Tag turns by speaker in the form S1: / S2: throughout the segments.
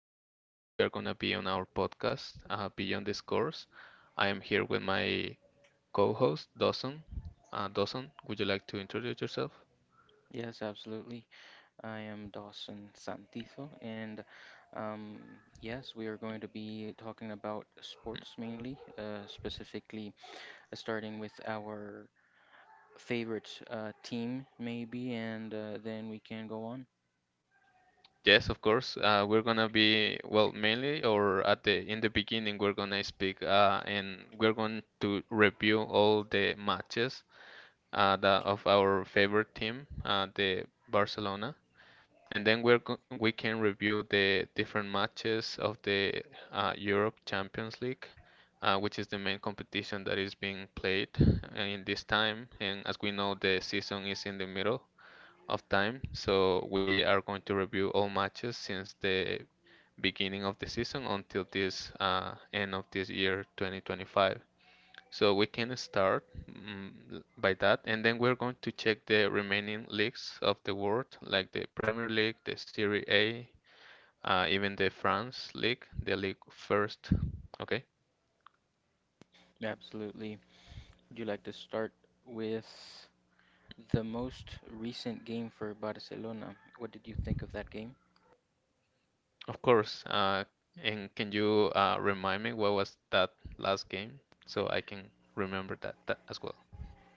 S1: and today we are gonna be on our podcast, Beyond the Scores. I am here with my co-host Dawson. Dawson, would you like to introduce yourself?
S2: Yes, absolutely. I am Dawson Santizo, and um, yes, we are going to be talking about sports mainly, specifically starting with our favorite team, maybe, and then we can go on.
S1: Yes, of course. We're gonna be well, mainly or at the in the beginning, we're gonna speak, and we're going to review all the matches, of our favorite team, the Barcelona. And then we can review the different matches of the Europe Champions League, which is the main competition that is being played in this time. And as we know, the season is in the middle of time, so we are going to review all matches since the beginning of the season until this end of this year, 2025. So we can start mm, by that, and then we're going to check the remaining leagues of the world, like the Premier League, the Serie A, even the France League, the league first. Okay,
S2: Absolutely. Would you like to start with the most recent game for Barcelona? What did you think of that game?
S1: of course. And can you remind me what was that last game so I can remember that as well?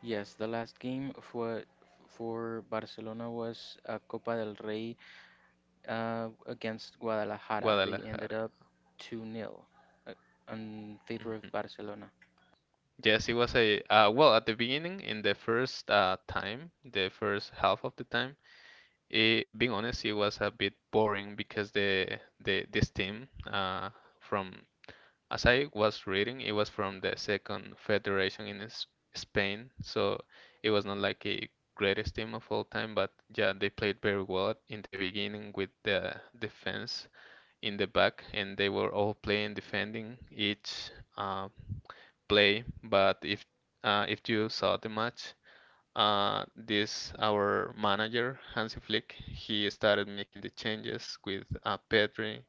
S2: Yes, the last game for Barcelona was a Copa del Rey against Guadalajara. They ended
S1: Guadalajara.
S2: up 2 nil uh, in favor of
S1: Hmm.
S2: Barcelona.
S1: Yes, it was a well, at the beginning in the first time, the first half of the time. Being honest, it was a bit boring because the this team from, as I was reading, it was from the second federation in S Spain, so it was not like a greatest team of all time, but yeah, they played very well in the beginning with the defense in the back, and they were all playing defending each uh, play. But if you saw the match, this our manager Hansi Flick he started making the changes with Pedri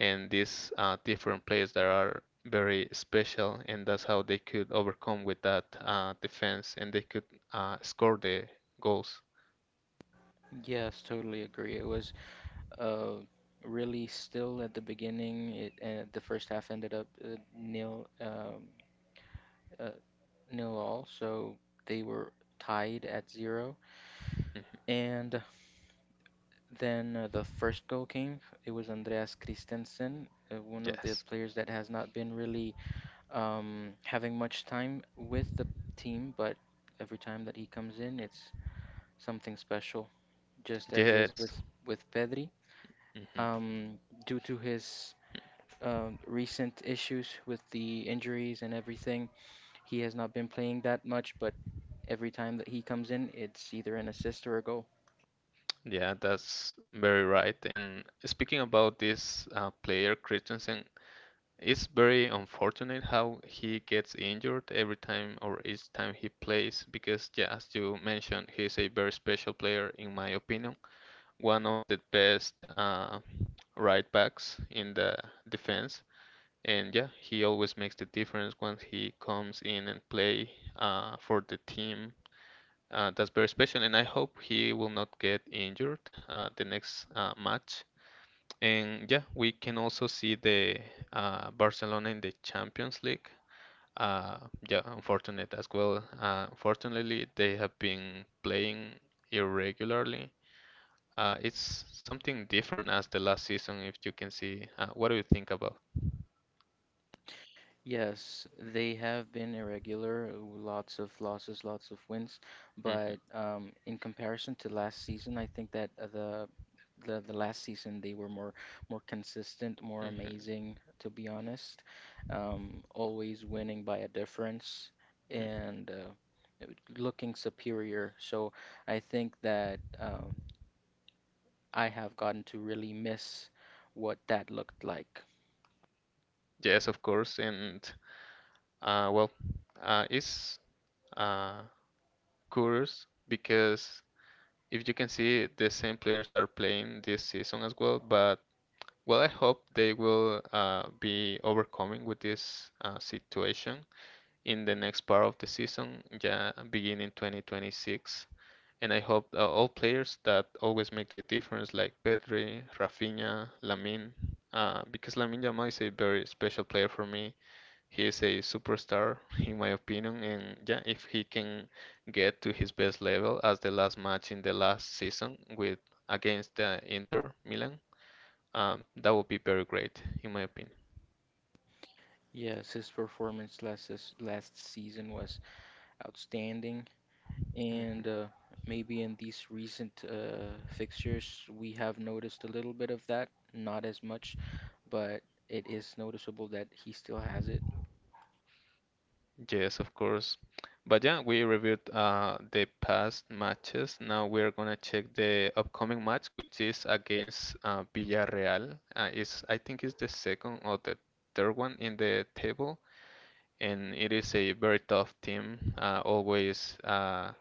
S1: and these different players that are very special, and that's how they could overcome with that defense and they could score the goals.
S2: Yes, totally agree. It was uh, really still at the beginning. It The first half ended up uh, nil all, so they were tied at zero.
S1: Mhm.
S2: And then the first goal came. It was Andreas Christensen, one of the
S1: Yes.
S2: players that has not been really having much time with the team, but every time that he comes in, it's something special, just as is
S1: Yes.
S2: with Pedri.
S1: Hmm.
S2: Um, due to his recent issues with the injuries and everything, he has not been playing that much, but every time that he comes in, it's either an assist or a goal.
S1: Yeah, that's very right. And speaking about this player Christensen. It's very unfortunate how he gets injured every time or each time he plays because, yeah, as you mentioned, he's a very special player, in my opinion, one of the best right backs in the defense, and yeah, he always makes the difference when he comes in and play for the team. That's very special, and I hope he will not get injured the next match, and yeah, we can also see the Barcelona in the Champions League. Uh, yeah, unfortunate as well. Unfortunately, they have been playing irregularly. It's something different as the last season, if you can see. What do you think about?
S2: Yes, they have been irregular, lots of losses, lots of wins,
S1: Hmm.
S2: but in comparison to last season, I think that the last season they were more consistent, more
S1: Hmm.
S2: amazing, to be honest. Always winning by a difference and looking superior. So I think that I have gotten to really miss what that looked like.
S1: Yes, of course. And well, it's uh, curious because if you can see, the same players are playing this season as well, but well, I hope they will be overcoming with this situation in the next part of the season, yeah, beginning 2026. And I hope all players that always make the difference, like Pedri, Rafinha, Lamine, because Lamine Yamal is a very special player for me. He is a superstar, in my opinion. And yeah, if he can get to his best level as the last match in the last season with against Inter Milan, that would be very great, in my opinion.
S2: Yes, his performance last season was outstanding.
S1: Mhm.
S2: And maybe in these recent fixtures, we have noticed a little bit of that, not as much, but it is noticeable that he still has it.
S1: Yes, of course. But yeah, we reviewed the past matches. Now we're gonna check the upcoming match, which is against Villarreal. I think it's the second or the third one in the table, and it is a very tough team. Always,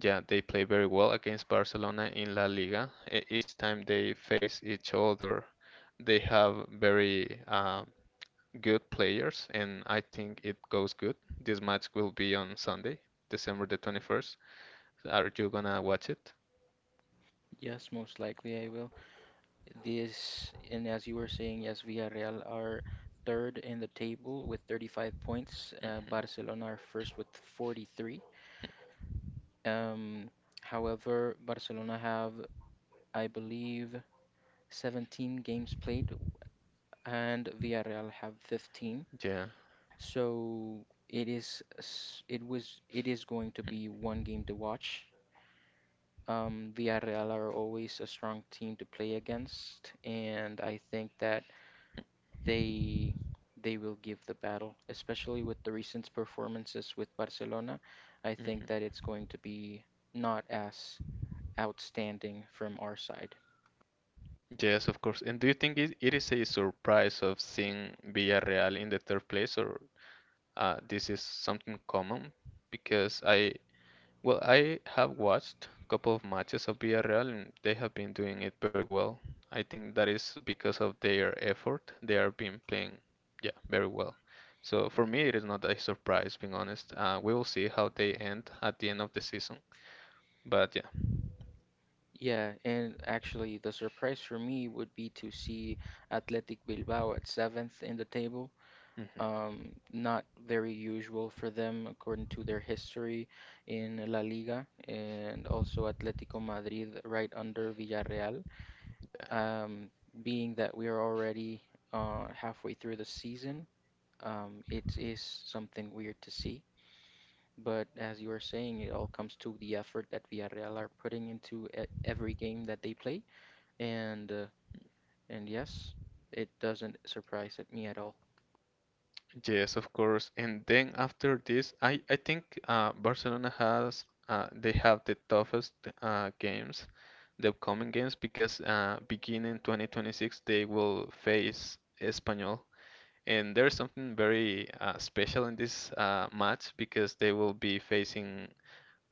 S1: yeah, they play very well against Barcelona in La Liga. Each time they face each other, they have very good players, and I think it goes good. This match will be on Sunday, December the 21st. Are you gonna watch it?
S2: Yes, most likely I will. This, and as you were saying, yes, Villarreal are third in the table with 35 points. Uh,
S1: Mhm.
S2: Barcelona are first with 43. Um, however, Barcelona have, I believe, 17 games played, and Villarreal have 15.
S1: Yeah.
S2: So it is s- it was it is going to be one game to watch. Villarreal are always a strong team to play against, and I think that they they will give the battle, especially with the recent performances with Barcelona. I think that
S1: Mhm.
S2: it's going to be not as outstanding from our side.
S1: Yes, of course. And do you think it is a surprise of seeing Villarreal in the third place, or this is something common? Because I Well, I have watched a couple of matches of Villarreal and they have been doing it very well. I think that is because of their effort. They are been playing, yeah, very well. So for me, it is not a surprise, being honest. We will see how they end at the end of the season. But yeah,
S2: Yeah, and actually the surprise for me would be to see Athletic Bilbao at seventh in the table.
S1: mhm,
S2: Not very usual for them according to their history in La Liga and also Atletico Madrid right under Villarreal.
S1: yeah.
S2: Um, being that we are already halfway through the season, it is something weird to see. But as you are saying, it all comes to the effort that Villarreal are putting into e every game that they play, and and yes, it doesn't surprise at me at all.
S1: Yes, of course. And then after this, I think Barcelona has they have the toughest games, the upcoming games, because beginning 2026 they will face Espanyol, and there's something very special in this match because they will be facing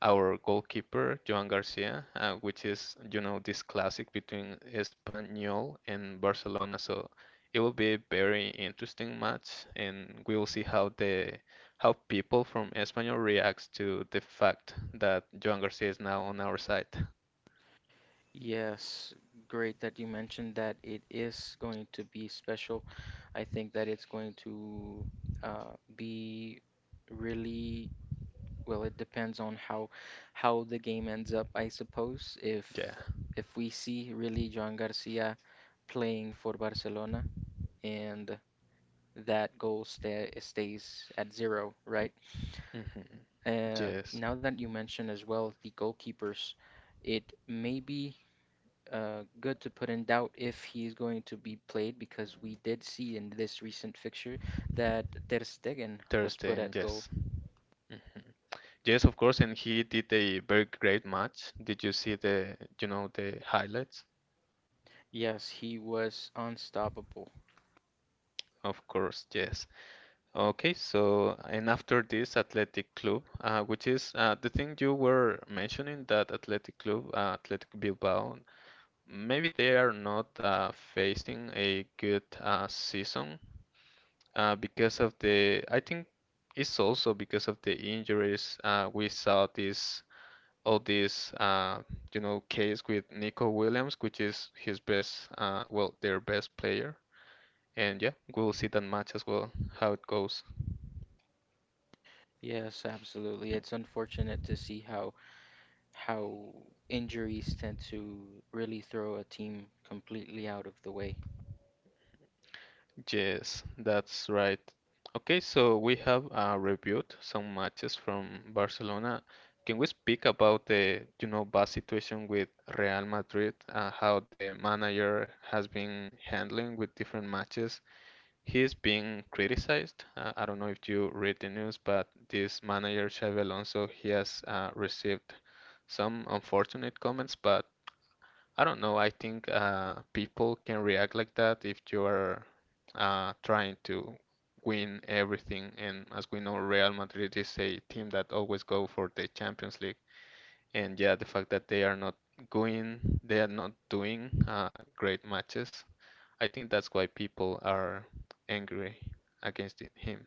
S1: our goalkeeper Joan Garcia, which is this classic between Espanyol and Barcelona. So it will be a very interesting match, and we will see how the how people from Espanyol reacts to the fact that Joan Garcia is now on our side.
S2: Yes, great that you mentioned that it is going to be special. I think that it's going to be really well, it depends on how the game ends up, I suppose. If
S1: Yeah.
S2: if we see really Joan Garcia playing for Barcelona and that goal stays at zero, right?
S1: Hmm.
S2: Uh,
S1: Yes.
S2: now that you mention as well the goalkeepers, it maybe good to put in doubt if he's going to be played because we did see in this recent fixture that Ter Stegen was put
S1: Thursday.
S2: at goal.
S1: Yes. Mm. Yes, of course, and he did a very great match. Did you see the you know the highlights?
S2: Yes, he was unstoppable.
S1: Of course. Yes. Okay, so and after this athletic club, which is the thing you were mentioning that athletic club, Athletic Bilbao, maybe they are not facing a good season because of the. I think it's also because of the injuries. We saw this all this case with Nico Williams, which is his best, well, their best player, and yeah, we'll see that match as well how it goes.
S2: Yes, absolutely. It's unfortunate to see how injuries tend to really throw a team completely out of the way.
S1: Yes, that's right. Okay, so we have reviewed some matches from Barcelona. Can we speak about the bad situation with Real Madrid, how the manager has been handling with different matches? He's being criticized. I don't know if you read the news, but this manager, Xabi Alonso, he has received some unfortunate comments, but I don't know. I think people can react like that if you are trying to win everything. And as we know, Real Madrid is a team that always go for the Champions League. And yeah, the fact that they are not going, they are not doing great matches. I think that's why people are angry against him.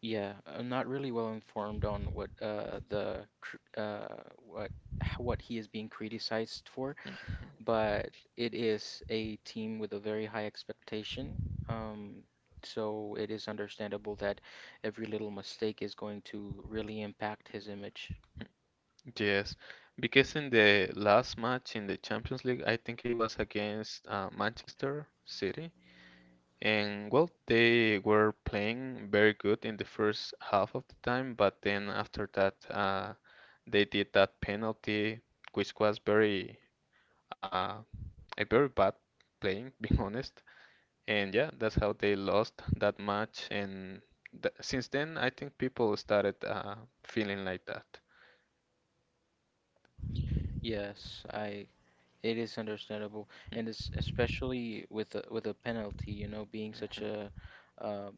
S2: Yeah, I'm not really well informed on what the cr- what he is being criticized for,
S1: Mm.
S2: but it is a team with a very high expectation. Um, so it is understandable that every little mistake is going to really impact his image.
S1: Yes, because in the last match in the Champions League, I think it was against Manchester City. And well, they were playing very good in the first half of the time, but then after that, they did that penalty, which was very uh, a very bad playing, being honest. And yeah, that's how they lost that match. And th since then, I think people started feeling like that.
S2: Yes, I It is understandable, and it's especially with a penalty, being such um,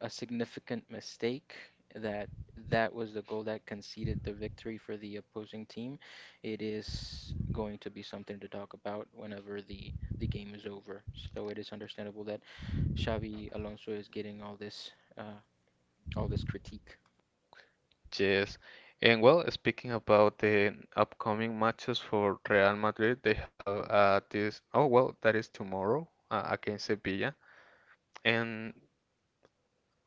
S2: a significant mistake that that was the goal that conceded the victory for the opposing team. It is going to be something to talk about whenever the game is over. So it is understandable that Xavi Alonso is getting all this critique.
S1: Yes. And well, speaking about the upcoming matches for Real Madrid, they have this. Oh, well, that is tomorrow against Sevilla. And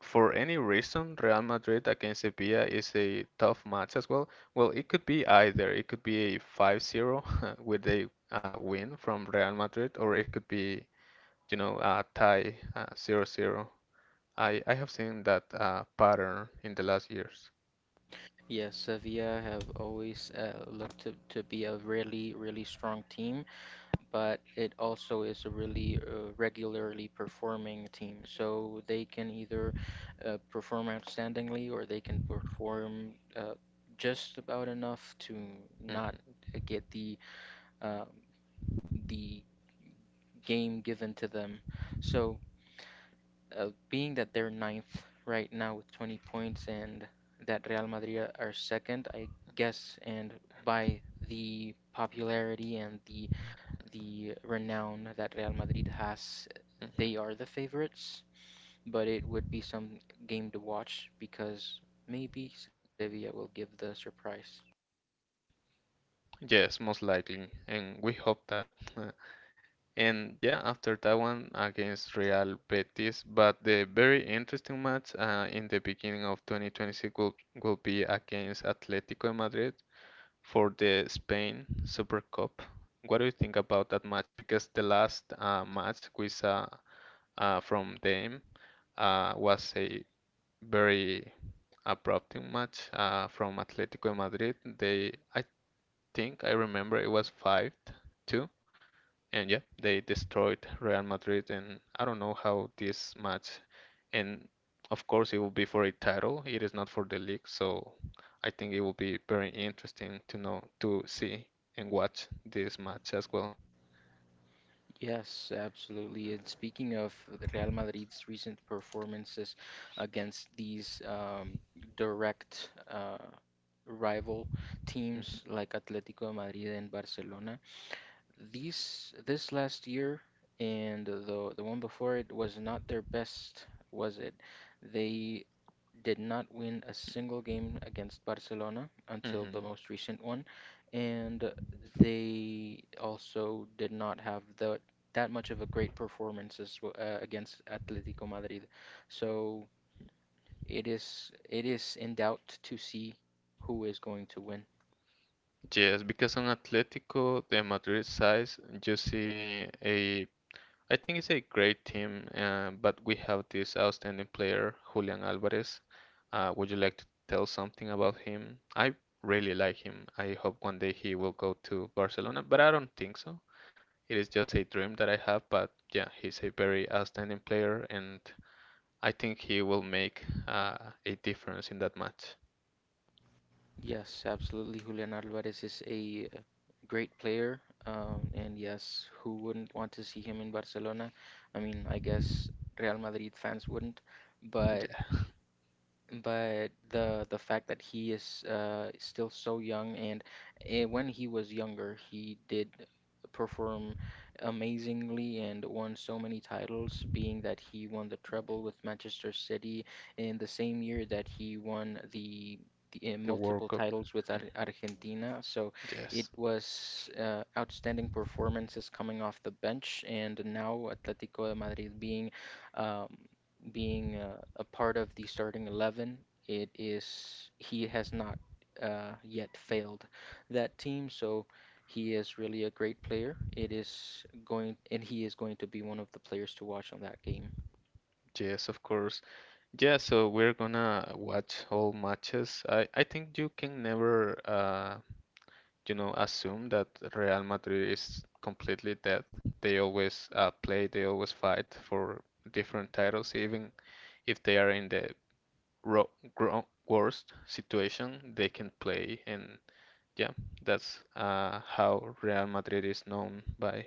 S1: for any reason, Real Madrid against Sevilla is a tough match as well. Well, it could be either. It could be a 5-0 with a win from Real Madrid, or it could be a tie 0 zero. I have seen that pattern in the last years.
S2: Yes, Sevilla have always looked to be a really, really strong team. But it also is a really regularly performing team. So they can either perform outstandingly or they can perform just about enough to
S1: Hmm.
S2: not get uh, the game given to them. So being that they're ninth right now with 20 points and that Real Madrid are second, I guess, and by the popularity and the renown that Real Madrid has, they are the favorites, but it would be some game to watch because maybe Sevilla will give the surprise.
S1: Yes, most likely, and we hope that. uh, And yeah, after that one against Real Betis, but the very interesting match in the beginning of 2026 will be against Atletico de Madrid for the Spain Super Cup. What do you think about that match? Because the last match we saw from them was a very abrupt match from Atletico de Madrid. They, I think I remember it was 5-2. And yeah, they destroyed Real Madrid. And I don't know how this match, and of course, it will be for a title. It is not for the league. So I think it will be very interesting to know, to see and watch this match as well.
S2: Yes, absolutely. And speaking of Real Madrid's recent performances against these direct rival teams
S1: Mhm,
S2: like Atletico Madrid and Barcelona, These this last year and the one before it was not their best, was it? They did not win a single game against Barcelona until the
S1: mhm.
S2: most recent one, and they also did not have the that much of a great performance against Atletico Madrid. So it is in doubt to see who is going to win.
S1: Yes, because on Atletico, the Madrid side, you see a I think it's a great team, but we have this outstanding player, Julian Alvarez. Would you like to tell something about him? I really like him. I hope one day he will go to Barcelona, but I don't think so. It is just a dream that I have, but yeah, he's a very outstanding player, and I think he will make a difference in that match.
S2: Yes, absolutely. Julian Alvarez is a great player. And yes, who wouldn't want to see him in Barcelona? I mean, I guess Real Madrid fans wouldn't, but
S1: Yeah,
S2: but the fact that he is still so young when he was younger, he did perform amazingly and won so many titles, being that he won the treble with Manchester City in the same year that he won the
S1: the World
S2: multiple
S1: Cup.
S2: titles with Ar
S1: Mm.
S2: Argentina. So it
S1: Yes,
S2: was outstanding performances coming off the bench, and now Atletico de Madrid being. Um, being a part of the starting 11. It is he has not yet failed that team, so he is really a great player. It is going and he is going to be one of the players to watch on that game.
S1: yes, of course. Yeah, so we're gonna watch all matches. I think you can never assume that Real Madrid is completely dead. They always play, they always fight for different titles. Even if they are in the ro gro worst situation, they can play. And yeah, that's how Real Madrid is known by.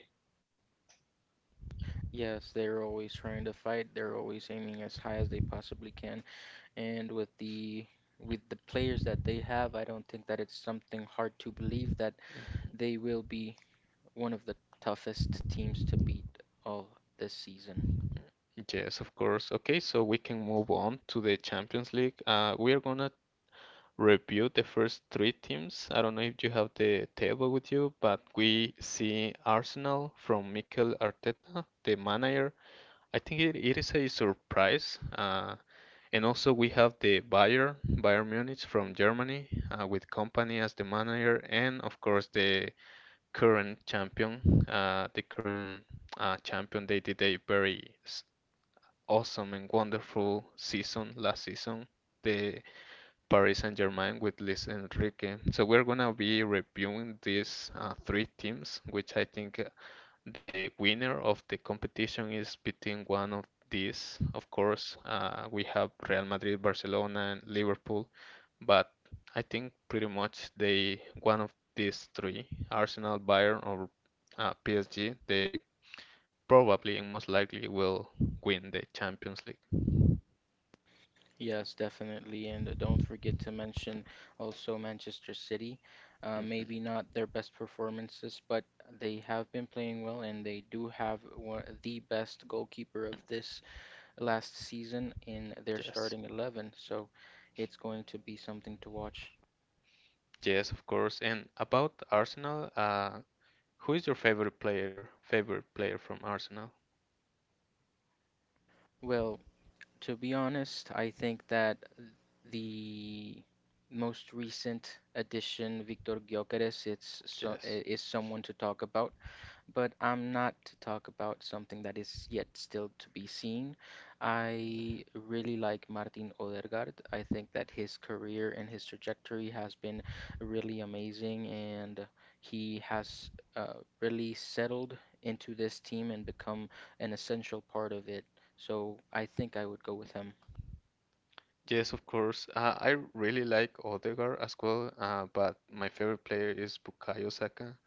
S2: Yes, they're always trying to fight. They're always aiming as high as they possibly can. And with the players that they have, I don't think that it's something hard to believe that they will be one of the toughest teams to beat all this season.
S1: Yes, of course. Okay, so we can move on to the Champions League. We are gonna review the first three teams. I don't know if you have the table with you, but we see Arsenal from Mikel Arteta, the manager. I think it is a surprise. And also we have the Bayern Munich from Germany, with Kompany as the manager, and of course the current champion. The current champion, they did a very awesome and wonderful season last season. The Paris Saint-Germain with Luis Enrique. So we're gonna be reviewing these three teams, which I think the winner of the competition is between one of these. Of course, we have Real Madrid, Barcelona, and Liverpool, but I think pretty much they one of these three, Arsenal, Bayern, or PSG, they probably and most likely will win the Champions League.
S2: Yes, definitely. And don't forget to mention also Manchester City. Uh,
S1: Mhm.
S2: maybe not their best performances, but they have been playing well and they do have one, the best goalkeeper of this last season in their
S1: Yes.
S2: starting 11. So it's going to be something to watch.
S1: Yes, of course. And about Arsenal, who is your favorite player? Favorite player from Arsenal?
S2: Well, to be honest, I think that the most recent addition, Victor Gyökeres,
S1: Yes.
S2: is someone to talk about. But I'm not to talk about something that is yet still to be seen. I really like Martin Odegaard. I think that his career and his trajectory has been really amazing, and he has uh, really settled into this team and become an essential part of it. So I think I would go with him.
S1: Yes, of course. I really like Odegaard as well, but my favorite player is Bukayo Saka.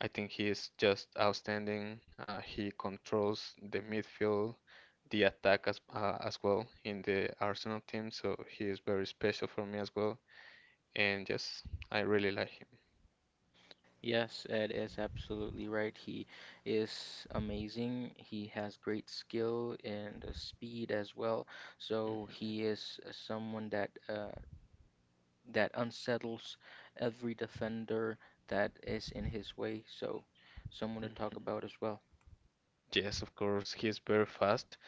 S1: I think he is just outstanding. He controls the midfield, the attack as well in the Arsenal team, so he is very special for me as well. And yes, I really like him.
S2: Yes, Ed is absolutely right. He is amazing. He has great skill and speed as well. So
S1: Mhm,
S2: he is someone that unsettles every defender that is in his way. So someone to talk
S1: mhm.
S2: about as well.
S1: Yes, of course, he's very fast.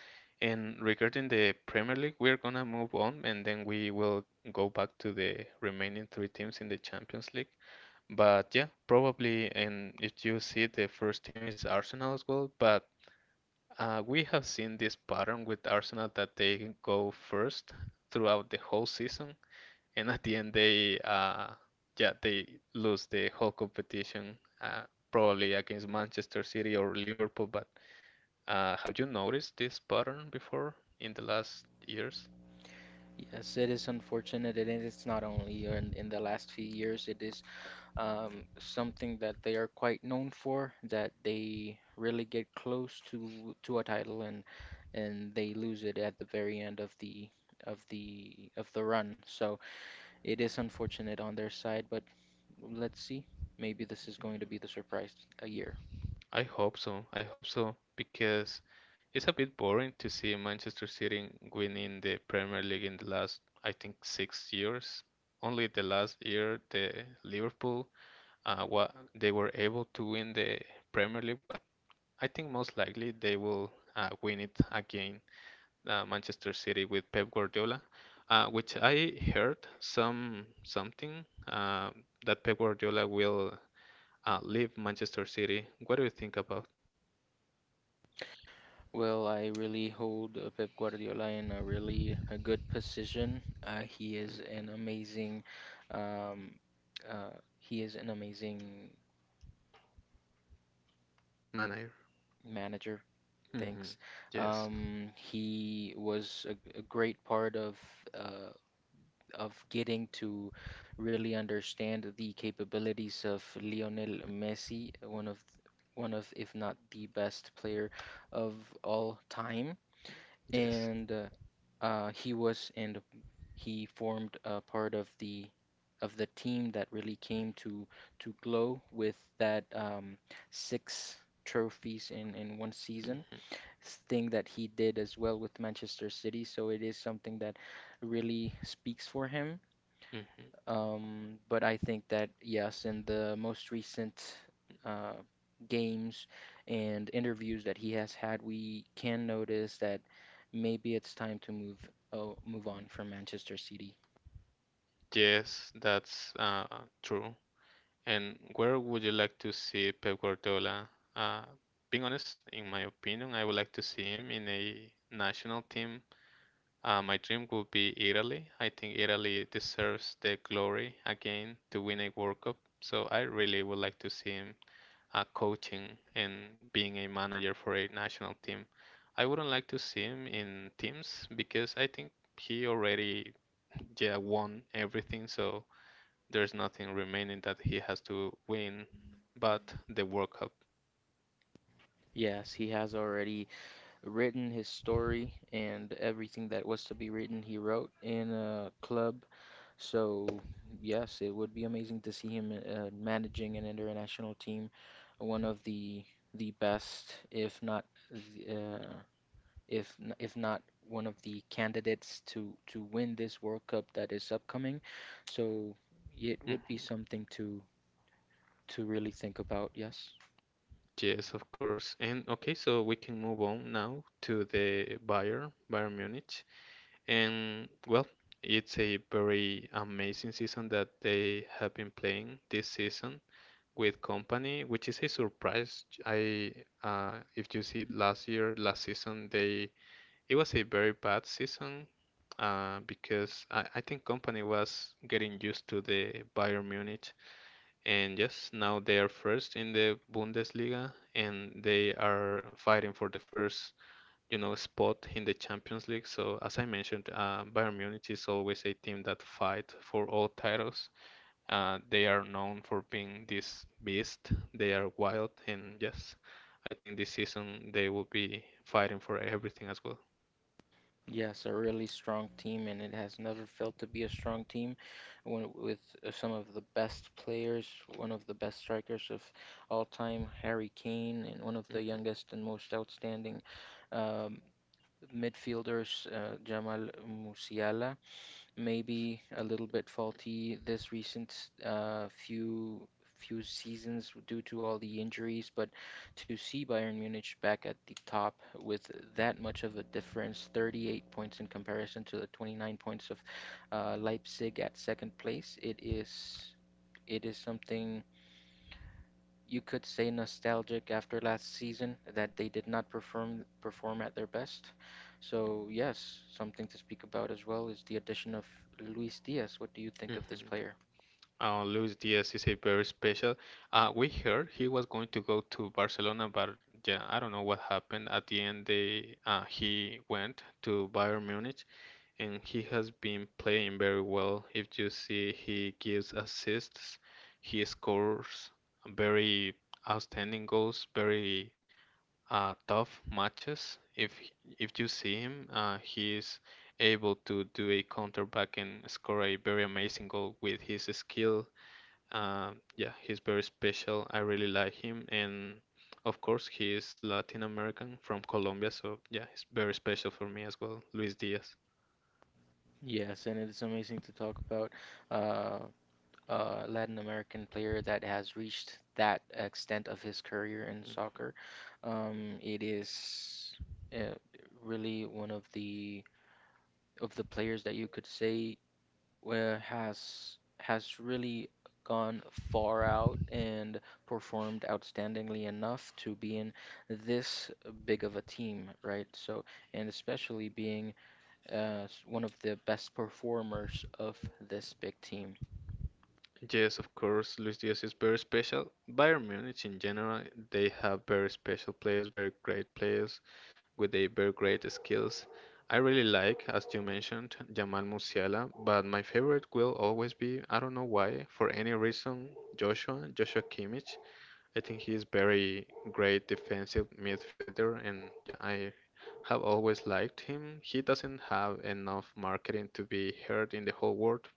S1: And regarding the Premier League, we're gonna move on and then we will go back to the remaining three teams in the Champions League. But yeah, probably, and if you see the first team is Arsenal as well, but we have seen this pattern with Arsenal that they go first throughout the whole season, and at the end they yeah, they lose the whole competition, probably against Manchester City or Liverpool, but have you noticed this pattern before in the last years?
S2: Yes, it is unfortunate, and it's not only in the last few years. It is something that they are quite known for, that they really get close to a title and they lose it at the very end of the of the of the run. So it is unfortunate on their side, but let's see. Maybe this is going to be the surprise a year.
S1: I hope so. I hope so because it's a bit boring to see Manchester City winning the Premier League in the last, I think, 6 years. Only the last year, the Liverpool, wa they were able to win the Premier League, but I think most likely they will win it again. Manchester City with Pep Guardiola, which I heard something that Pep Guardiola will leave Manchester City. What do you think about
S2: Well, I really hold Pep Guardiola in a good position.
S1: mm,
S2: Um, uh, he is an amazing
S1: manager?
S2: manager.
S1: Hmm.
S2: Thanks.
S1: Yes,
S2: He was a great part uh, of getting to really understand the capabilities of Lionel Messi, one of, if not the best player of all time.
S1: yes.
S2: And he was and he formed a part of the team that really came to glow with that six trophies in one season
S1: Hmm,
S2: thing that he did as well with Manchester City. So it is something that really speaks for him.
S1: hmm.
S2: But I think that, yes, in the most recent uh, games and interviews that he has had, we can notice that maybe it's time to move on from Manchester City.
S1: Yes, that's true. And where would you like to see Pep Guardiola? Uh, being honest, in my opinion, I would like to see him in a national team. My dream would be Italy. I think Italy deserves the glory again to win a World Cup. So I really would like to see him coaching and being a manager for a national team. I wouldn't like to see him in teams because I think he already yeah won everything. So there's nothing remaining that he has to win, but the World Cup.
S2: Yes, he has already written his story and everything that was to be written, he wrote in a club. So, yes, it would be amazing to see him managing an international team, one of the best, if not the, if n- if not one of the candidates to win this World Cup that is upcoming. So, it would
S1: Mhm.
S2: be something to really think about, yes.
S1: Yes, of course. And okay, so we can move on now to the Bayern Munich. And well, it's a very amazing season that they have been playing this season with Company, which is a surprise. I if you see last year, last season, they it was a very bad season because I think Company was getting used to the Bayern Munich, and yes, now they are first in the Bundesliga, and they are fighting for the first you know, spot in the Champions League. So as I mentioned, Bayern Munich is always a team that fight for all titles. They are known for being this beast. They are wild, and yes, I think this season they will be fighting for everything as well.
S2: Yes, a really strong team, and it has never failed to be a strong team. One with some of the best players, one of the best strikers of all time, Harry Kane, and one of the
S1: Hmm,
S2: youngest and most outstanding um, midfielders, Jamal Musiala maybe a little bit faulty this recent few seasons due to all the injuries, but to see Bayern Munich back at the top with that much of a difference, 38 points in comparison to the 29 points of Leipzig at second place, it is something you could say nostalgic after last season that they did not perform at their best. So yes, something to speak about as well is the addition of Luis Diaz. What do you think of this
S1: hmm.
S2: player?
S1: Luis Diaz is a very special. We heard he was going to go to Barcelona, but yeah, I don't know what happened. At the end, they he went to Bayern Munich, and he has been playing very well. If you see, he gives assists, he scores very outstanding goals, very tough matches. If you see him, he is able to do a counter back and score a very amazing goal with his skill. Yeah, he's very special. I really like him, and of course, he is Latin American from Colombia, so yeah, it's very special for me as well, Luis Diaz.
S2: Yes, and it's amazing to talk about uh, a Latin American player that has reached that extent of his career in soccer. It is uh, really one of the players that you could say where has really gone far out and performed outstandingly enough to be in this big of a team, right? So, and especially being one of the best performers of this big team.
S1: Yes, of course, Luis Diaz is very special. Bayern Munich in general, they have very special players, very great players with a very great skills. I really like, as you mentioned, Jamal Musiala, but my favorite will always be, I don't know why, for any reason, Joshua Kimmich. I think he is very great defensive midfielder, and yeah, I have always liked him. He doesn't have enough marketing to be heard in the whole world,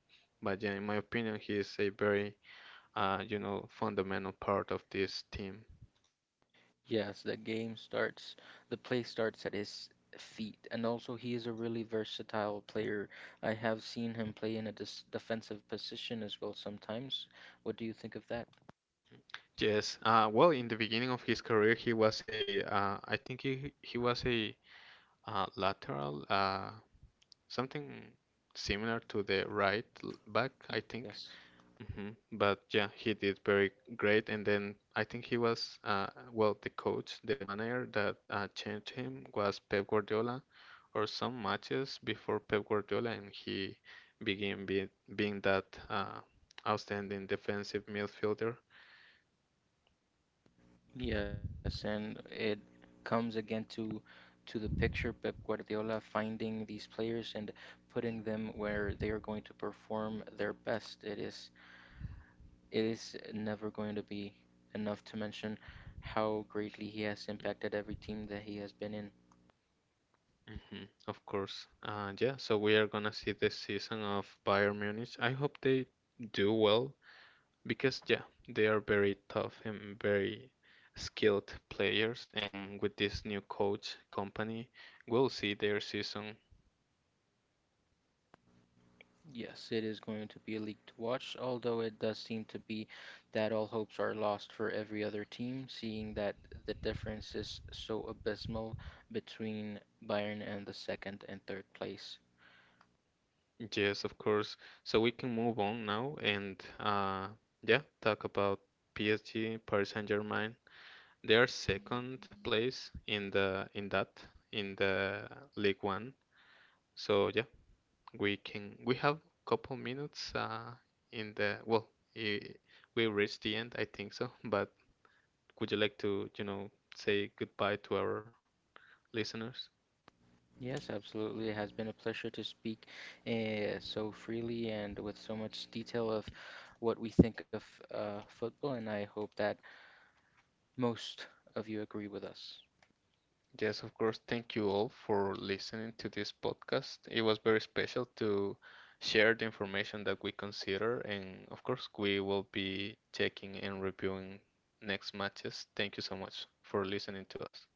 S1: but yeah, in my opinion, he is a very you know, fundamental part of this team.
S2: Yes, the game starts, the play starts at his feet, and also he is a really versatile player. I have seen him play in a dis defensive position as well sometimes. What do you think of that?
S1: Yes. Well, in the beginning of his career, he was a, I think he was a lateral, something similar to the right back, I
S2: Y
S1: think.
S2: Yes.
S1: Hmm. But yeah, he did very great. And then I think he was, well, the coach, the manager that changed him was Pep Guardiola, or some matches before Pep Guardiola, and he began being that outstanding defensive midfielder.
S2: Yes, and it comes again to the picture Pep Guardiola finding these players and putting them where they are going to perform their best. It is never going to be enough to mention how greatly he has impacted every team that he has been in.
S1: Hmm. Of course. Yeah, so we are gonna see the season of Bayern Munich. I hope they do well because yeah, they are very tough and very skilled players, and with this new coach Company, we'll see their season.
S2: Yes, it is going to be a league to watch, although it does seem to be that all hopes are lost for every other team, seeing that the difference is so abysmal between Bayern and the second and third place.
S1: Yes, of course. So we can move on now and yeah, talk about PSG, Paris Saint-Germain. They are second place in the in the League One. So yeah, we can we have couple minutes in the well, I we reached the end, I think so, but. Would you like to, you know, say goodbye to our listeners?
S2: Yes, absolutely. It has been a pleasure to speak so freely and with so much detail of what we think of football, and I hope that most of you agree with us.
S1: Yes, of course. Thank you all for listening to this podcast. It was very special to share the information that we consider, and of course, we will be checking and reviewing next matches. Thank you so much for listening to us.